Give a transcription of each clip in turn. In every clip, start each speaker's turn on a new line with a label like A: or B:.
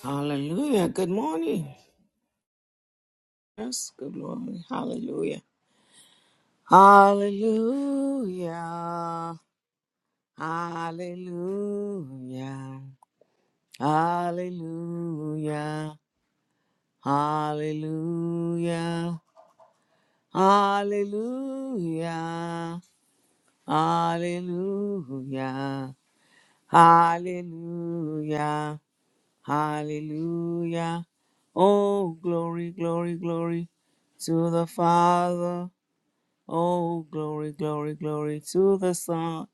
A: Hallelujah. Good morning. Yes, good morning. Hallelujah. Hallelujah. Hallelujah. Hallelujah. Hallelujah. Hallelujah. Hallelujah. Hallelujah. Hallelujah. Oh, glory, glory, glory to the Father Oh, glory, glory, glory to the Son.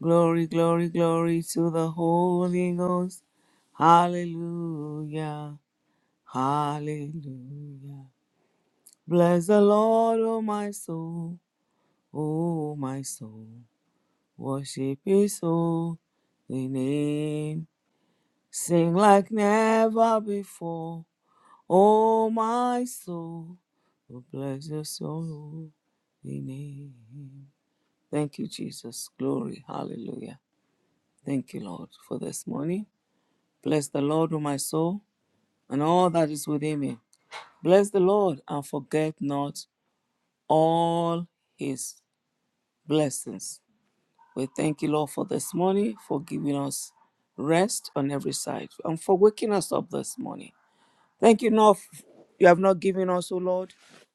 A: Glory, glory, glory to the Holy Ghost. Hallelujah, hallelujah. Bless the Lord, O my soul, O my soul. Worship his holy name. Sing like never before, O my soul. Oh, bless your soul, holy name. Thank you, Jesus. Glory. Hallelujah. Thank you, Lord, for this morning. Bless the Lord, O my soul, and all that is within me. Bless the Lord and forget not all his blessings. We thank you, Lord, for this morning, for giving us rest on every side, and for waking us up this morning. Thank you, Lord, you have not given us, O Lord,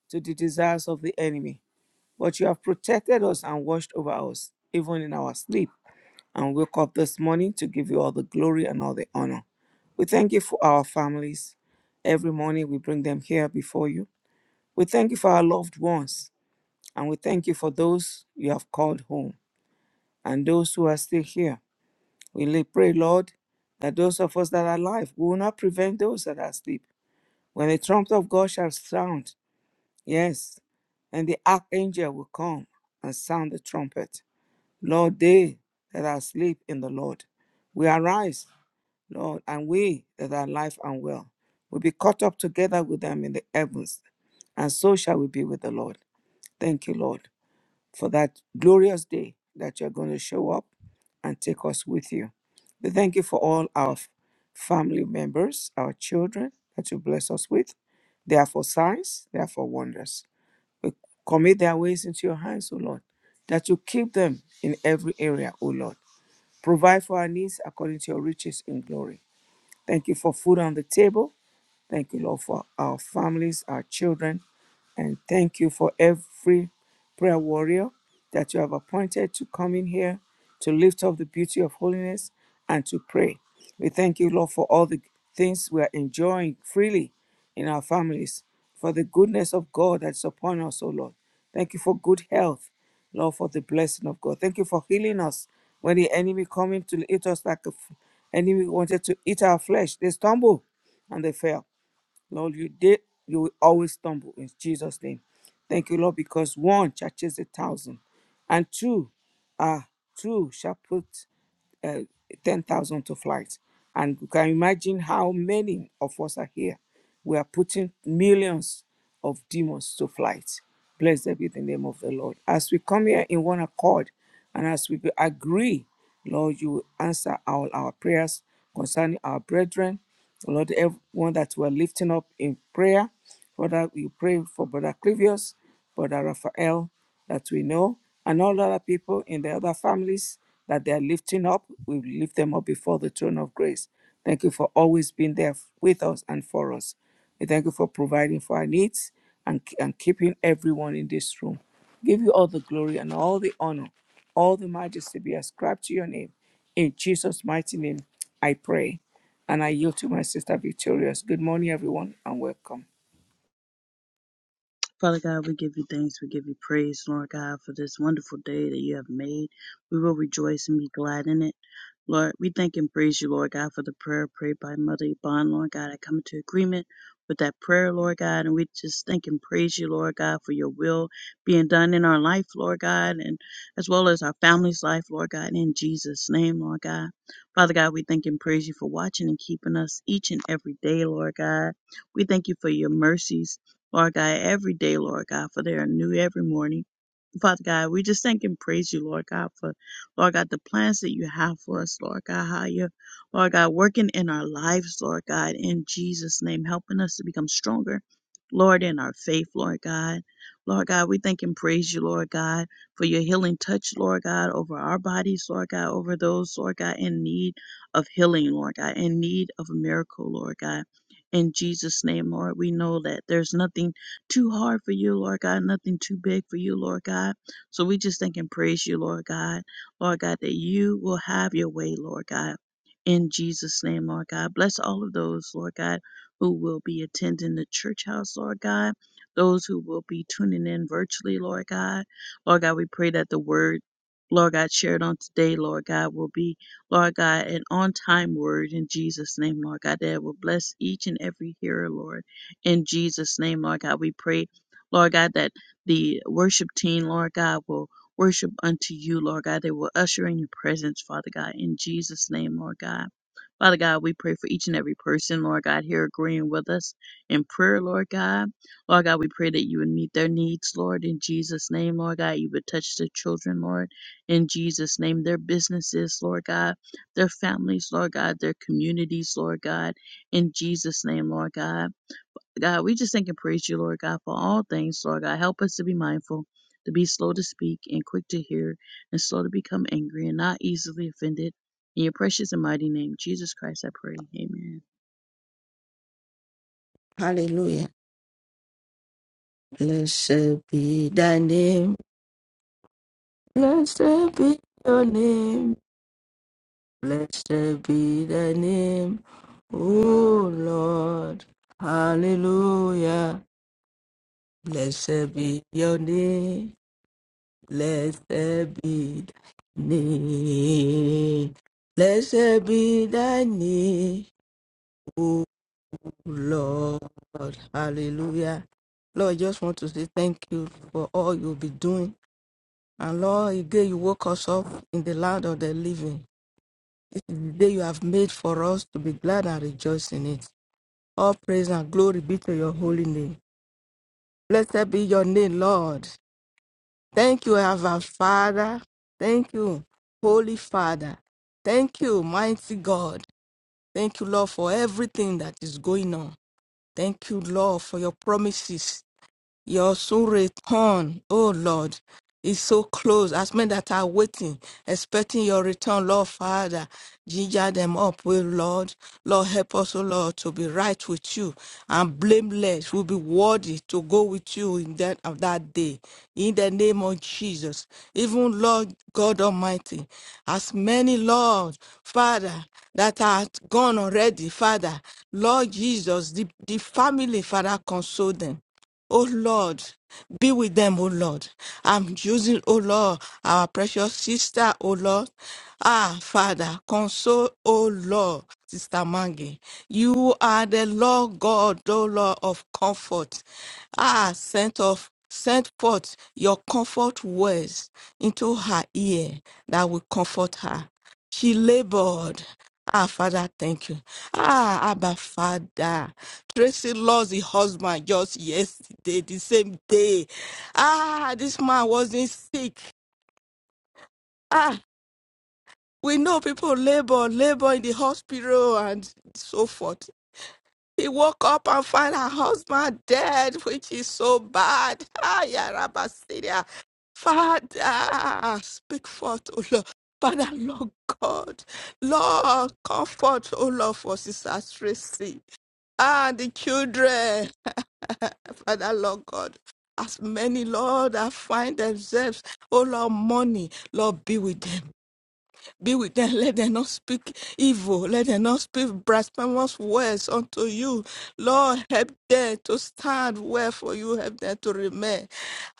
A: to the desires of the enemy, but you have protected us and watched over us, even in our sleep. and wake up this morning to give you all the glory and all the honor. We thank you for our families. Every morning we bring them here before you. We thank you for our loved ones, and we thank you for those you have called home and those who are still here. We lay- pray, Lord, that those of us that are alive we will not prevent those that are asleep. When the trumpet of God shall sound, yes, and the archangel will come and sound the trumpet. Lord, they that are asleep in the Lord, we arise Lord, and we that are alive and well will be caught up together with them in the heavens, and so shall we be with the Lord. Thank you, Lord, for that glorious day that you're going to show up and take us with you. We thank you for all our f- family members, our children that you bless us with. They are for signs, they are for wonders. We commit their ways into your hands, O Lord, that you keep them in every area, O Lord. Provide for our needs according to your riches in glory Thank you for food on the table. Thank you, Lord, for our families, our children, and thank you for every prayer warrior that you have appointed to come in here to lift up the beauty of holiness and to pray. We thank you, Lord, for all the things we are enjoying freely in our families, for the goodness of God that's upon us, O Lord. Thank you for good health, Lord, for the blessing of God. Thank you for healing us when the enemy coming to eat us like a f- enemy wanted to eat our flesh. They stumble and they fell. Lord, you did, you will always stumble in Jesus' name. Thank you, Lord, because one touches a thousand, and two, ah, two shall put uh, 10,000 to flight. And you can imagine how many of us are here. We are putting millions of demons to flight. Blessed be the name of the Lord. As we come here in one accord and as we agree, Lord, you will answer all our prayers concerning our brethren. Lord, everyone that we're lifting up in prayer, Father, we pray for Brother Clivius. Brother Raphael that we know, and all other people in the other families that they are lifting up. We lift them up before the throne of grace. Thank you for always being there with us and for us. We thank you for providing for our needs and, and keeping everyone in this room. Give you all the glory and all the honor, all the majesty be ascribed to your name. In Jesus' mighty name, I pray. And I yield to my sister Victorious. Good morning, everyone, and welcome.
B: Father God, we give you thanks. We give you praise, Lord God, for this wonderful day that you have made. We will rejoice and be glad in it. Lord, we thank and praise you, Lord God, for the prayer prayed by Mother Yvonne, Lord God. I come into agreement with that prayer, Lord God, and we just thank and praise you, Lord God, for your will being done in our life, Lord God, and as well as our family's life, Lord God, in Jesus' name, Lord God. Father God, we thank and praise you for watching and keeping us each and every day, Lord God. We thank you for your mercies Lord God, every day, Lord God, for they are new every morning. Father God, we just thank and praise you, Lord God, for Lord God, the plans that you have for us, Lord God, how you, Lord God, working in our lives, Lord God, in Jesus' name, helping us to become stronger, Lord, in our faith, Lord God. Lord God, we thank and praise you, Lord God, for your healing touch, Lord God, over our bodies, Lord God, over those, Lord God, in need of healing, Lord God, in need of a miracle, Lord God. In Jesus' name, Lord, we know that there's nothing too hard for you, Lord God, nothing too big for you, Lord God. So we just thank and praise you, Lord God. Lord God, that you will have your way, Lord God. In Jesus' name, Lord God. Bless all of those, Lord God, who will be attending the church house, Lord God. Those who will be tuning in virtually, Lord God. Lord God, we pray that the word, Lord God, shared on today, Lord God, will be Lord God, an on time word in Jesus' name, Lord God, that it will bless each and every hearer, Lord. In Jesus' name, Lord God, we pray, Lord God, that the worship team, Lord God, will worship unto you, Lord God. They will usher in your presence, Father God, in Jesus' name, Lord God. Father God, we pray for each and every person, Lord God, here agreeing with us in prayer, Lord God. Lord God, we pray that you would meet their needs, Lord, in Jesus' name, Lord God. You would touch their children, Lord, in Jesus' name, their businesses, Lord God their families, Lord God, their communities, Lord God, in Jesus' name, Lord God. God, we just thank and praise you, Lord God, for all things, Lord God. Help us to be mindful, to be slow to speak and quick to hear, and slow to become angry and not easily offended. In your precious and mighty name, Jesus Christ, I pray. Amen.
C: Hallelujah. Blessed be thy name. Blessed be your name. Blessed be thy name. O Lord. Hallelujah. Blessed be your name. Blessed be thy name. Blessed be thy name. O Lord. Hallelujah. Lord, I just want to say thank you for all you'll be doing And Lord, again, you woke us up in the land of the living. This is the day you have made for us to be glad and rejoice in it. All praise and glory be to your holy name. Blessed be your name, Lord. Thank you, our Father. Thank you, Holy Father. Thank you, mighty God. Thank you, Lord, for everything that is going on. Thank you, Lord, for your promises. Your soon return, oh Lord, is so close. As men that are waiting, expecting your return, Lord Father, ginger them up, oh Lord. Lord, help us, oh Lord, to be right with you and blameless. We'll be worthy to go with you in that of that day. In the name of Jesus. Even Lord God Almighty, as many, Lord, Father, that are gone already, Father, Lord Jesus, the, the family, Father, console them. Oh Lord, be with them, oh Lord. I'm using, oh Lord, our precious sister, oh Lord. Ah, Father, console, oh Lord, Sister Mangi. You are the Lord God, oh Lord of comfort. Ah, sent of send forth your comfort words into her ear that will comfort her. She labored. Ah, Father, thank you. Ah, Abba, Father. Tracy lost the husband just yesterday, the same day. Ah, this man wasn't sick. Ah, we know people labor, labor in the hospital and so forth. He woke up and found her husband dead, which is so bad. Ah, Ay, Arabasiria. Father, speak forth, O Lord. Father, Lord God, Lord, comfort, O Lord, for Sister Tracy and the children. Father, Lord God, as many, Lord, that find themselves, O Lord, money, Lord, be with them. Be with them. Let them not speak evil. Let them not speak blasphemous words unto you. Lord, help them to stand well for you. Help them to remain.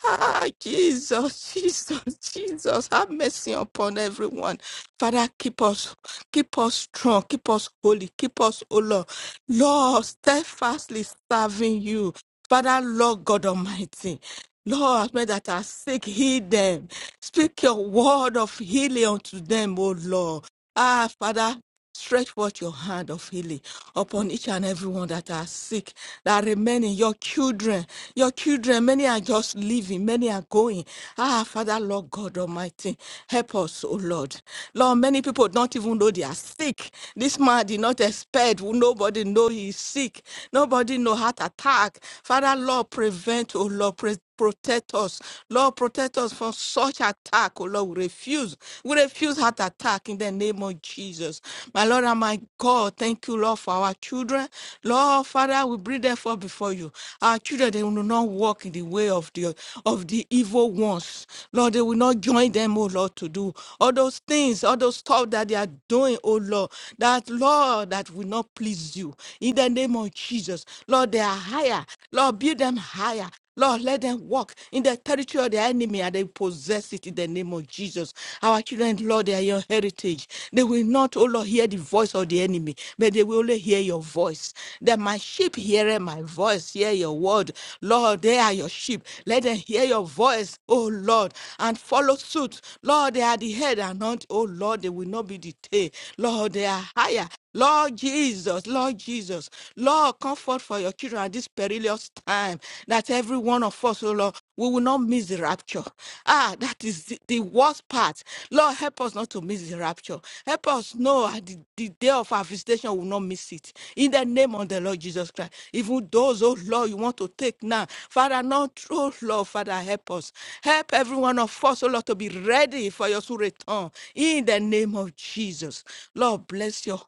C: Ah, Jesus, Jesus, Jesus, have mercy upon everyone. Father, keep us, keep us strong, keep us holy, keep us, O Lord. Lord, steadfastly serving you. Father, Lord God Almighty, Lord, as many that are sick, heal them. Speak your word of healing unto them, O Lord. Ah, Father. Stretch forth your hand of healing upon each and every one that are sick, that remain in your children. Your children, many are just leaving, many are going. Ah, Father, Lord God Almighty, help us, oh Lord. Lord, many people don't even know they are sick. This man did not expect, nobody know he is sick. Nobody know heart attack. Father, Lord, prevent, oh Lord, Protect us, Lord. Protect us from such attack, oh Lord. We refuse, we refuse heart attack in the name of Jesus, my Lord and my God. Thank you, Lord, for our children, Lord Father. We bring them forth before you. Our children, they will not walk in the way of the of the evil ones, Lord. They will not join them, oh Lord, to do all those things, all those stuff that they are doing, oh Lord. That Lord, that will not please you in the name of Jesus, Lord. They are higher, Lord. Build them higher. Lord, let them walk in the territory of the enemy and they possess it in the name of Jesus. Our children, Lord, they are your heritage. They will not, oh Lord, hear the voice of the enemy, but they will only hear your voice. That my sheep hear my voice, hear your word. Lord, they are your sheep. Let them hear your voice, oh Lord, and follow suit. Lord, they are the head and not, oh Lord, they will not be the tail. Lord, they are higher Lord Jesus, Lord Jesus, Lord, comfort for your children at this perilous time that every one of us, oh Lord, we will not miss the rapture. Ah, that is the, the worst part. Lord, help us not to miss the rapture. Help us know at the, the day of our visitation, we will not miss it. In the name of the Lord Jesus Christ, even those, oh Lord, you want to take now, Father, not true, Lord, Father, help us. Help every one of us, oh Lord, to to be ready for your soon return in the name of Jesus. Lord, bless your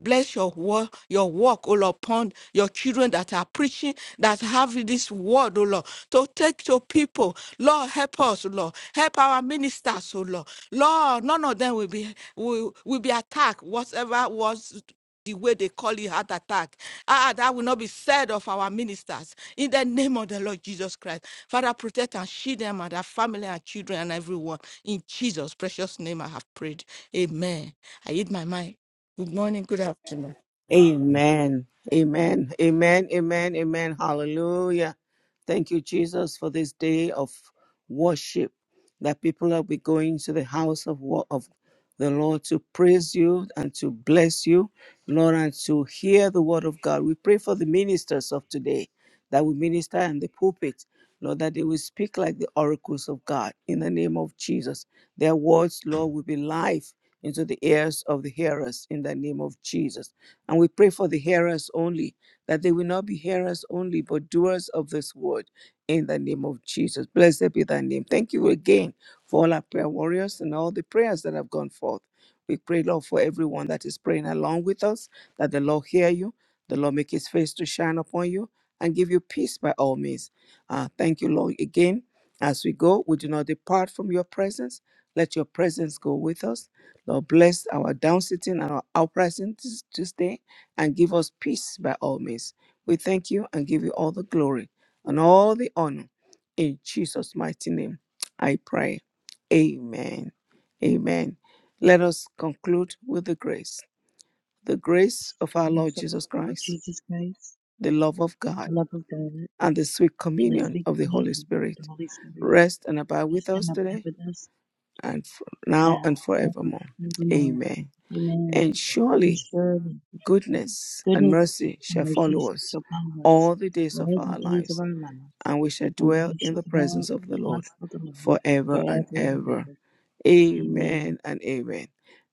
C: Bless your word, your work, O Lord, upon your children that are preaching, that have this word, O Lord, to take to people. Lord, help us, O Lord. Help our ministers, O Lord. Lord, none of them will be will, will be attacked, whatever was the way they call it heart attack. Ah, that will not be said of our ministers. In the name of the Lord Jesus Christ. Father, protect and shield them and their family and children and everyone. In Jesus' precious name, I have prayed. Amen. I hid my mind. Good morning, good afternoon.
A: Amen. Amen. Amen. Amen. Amen. Hallelujah. Thank you, Jesus, for this day of worship that people will be going to the house of, wo- of the Lord to praise you and to bless you, Lord, and to hear the word of God. We pray for the ministers of today that will minister in the pulpit, Lord, that they will speak like the oracles of God in the name of Jesus. Their words, Lord, will be life into the ears of the hearers in the name of Jesus. And we pray for the hearers only, that they will not be hearers only, but doers of this word in the name of Jesus. Blessed be thy name. Thank you again for all our prayer warriors and all the prayers that have gone forth. We pray, Lord, for everyone that is praying along with us, that the Lord hear you, the Lord make his face to shine upon you, and give you peace by all means. Uh, thank you, Lord. Again, as we go, we do not depart from your presence. Let your presence go with us. Lord, bless our down sitting and our uprising this, this day and give us peace by all means. We thank you and give you all the glory and all the honor. In Jesus' mighty name, I pray. Amen. Amen. Let us conclude with the grace. The grace of our
B: Praise
A: Lord
B: of
A: Jesus
B: Lord
A: Christ,
B: Jesus Christ,
A: the love of God
B: the love of God,
A: and the sweet
B: and the
A: communion
B: sweet
A: of the Holy
B: communion of the
A: Spirit
B: Holy Spirit,
A: rest and abide with
B: rest and
A: us
B: abide
A: today
B: with us
A: and for now
B: now,
A: and
B: forever,
A: forevermore.
B: evermore.
A: Amen.
B: Amen.
A: And
B: And
A: surely
B: surely
A: goodness and
B: Goodness
A: mercy
B: and
A: shall
B: mercy
A: follow us
B: shall follow us
A: all the days of
B: all the
A: our
B: days of
A: lives
B: our lives,
A: and we shall
B: and
A: dwell
B: we
A: in
B: shall
A: the
B: dwell
A: presence of
B: in
A: the
B: the
A: Lord
B: house of the Lord
A: forever and
B: forever and
A: ever.
B: ever. Amen.
A: Amen and amen.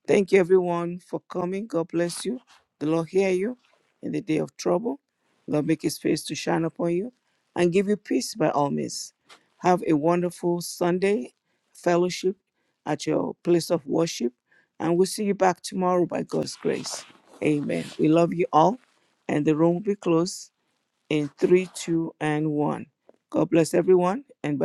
A: Thank you, everyone, for coming. God bless you. The Lord hear you in the day of trouble. God make his face to shine upon you and give you peace by all means. Have a wonderful Sunday fellowship at your place of worship. And we'll see you back tomorrow by God's grace. Amen. We love you all. And the room will be closed in 3, 2, and 1. God bless everyone, and bye.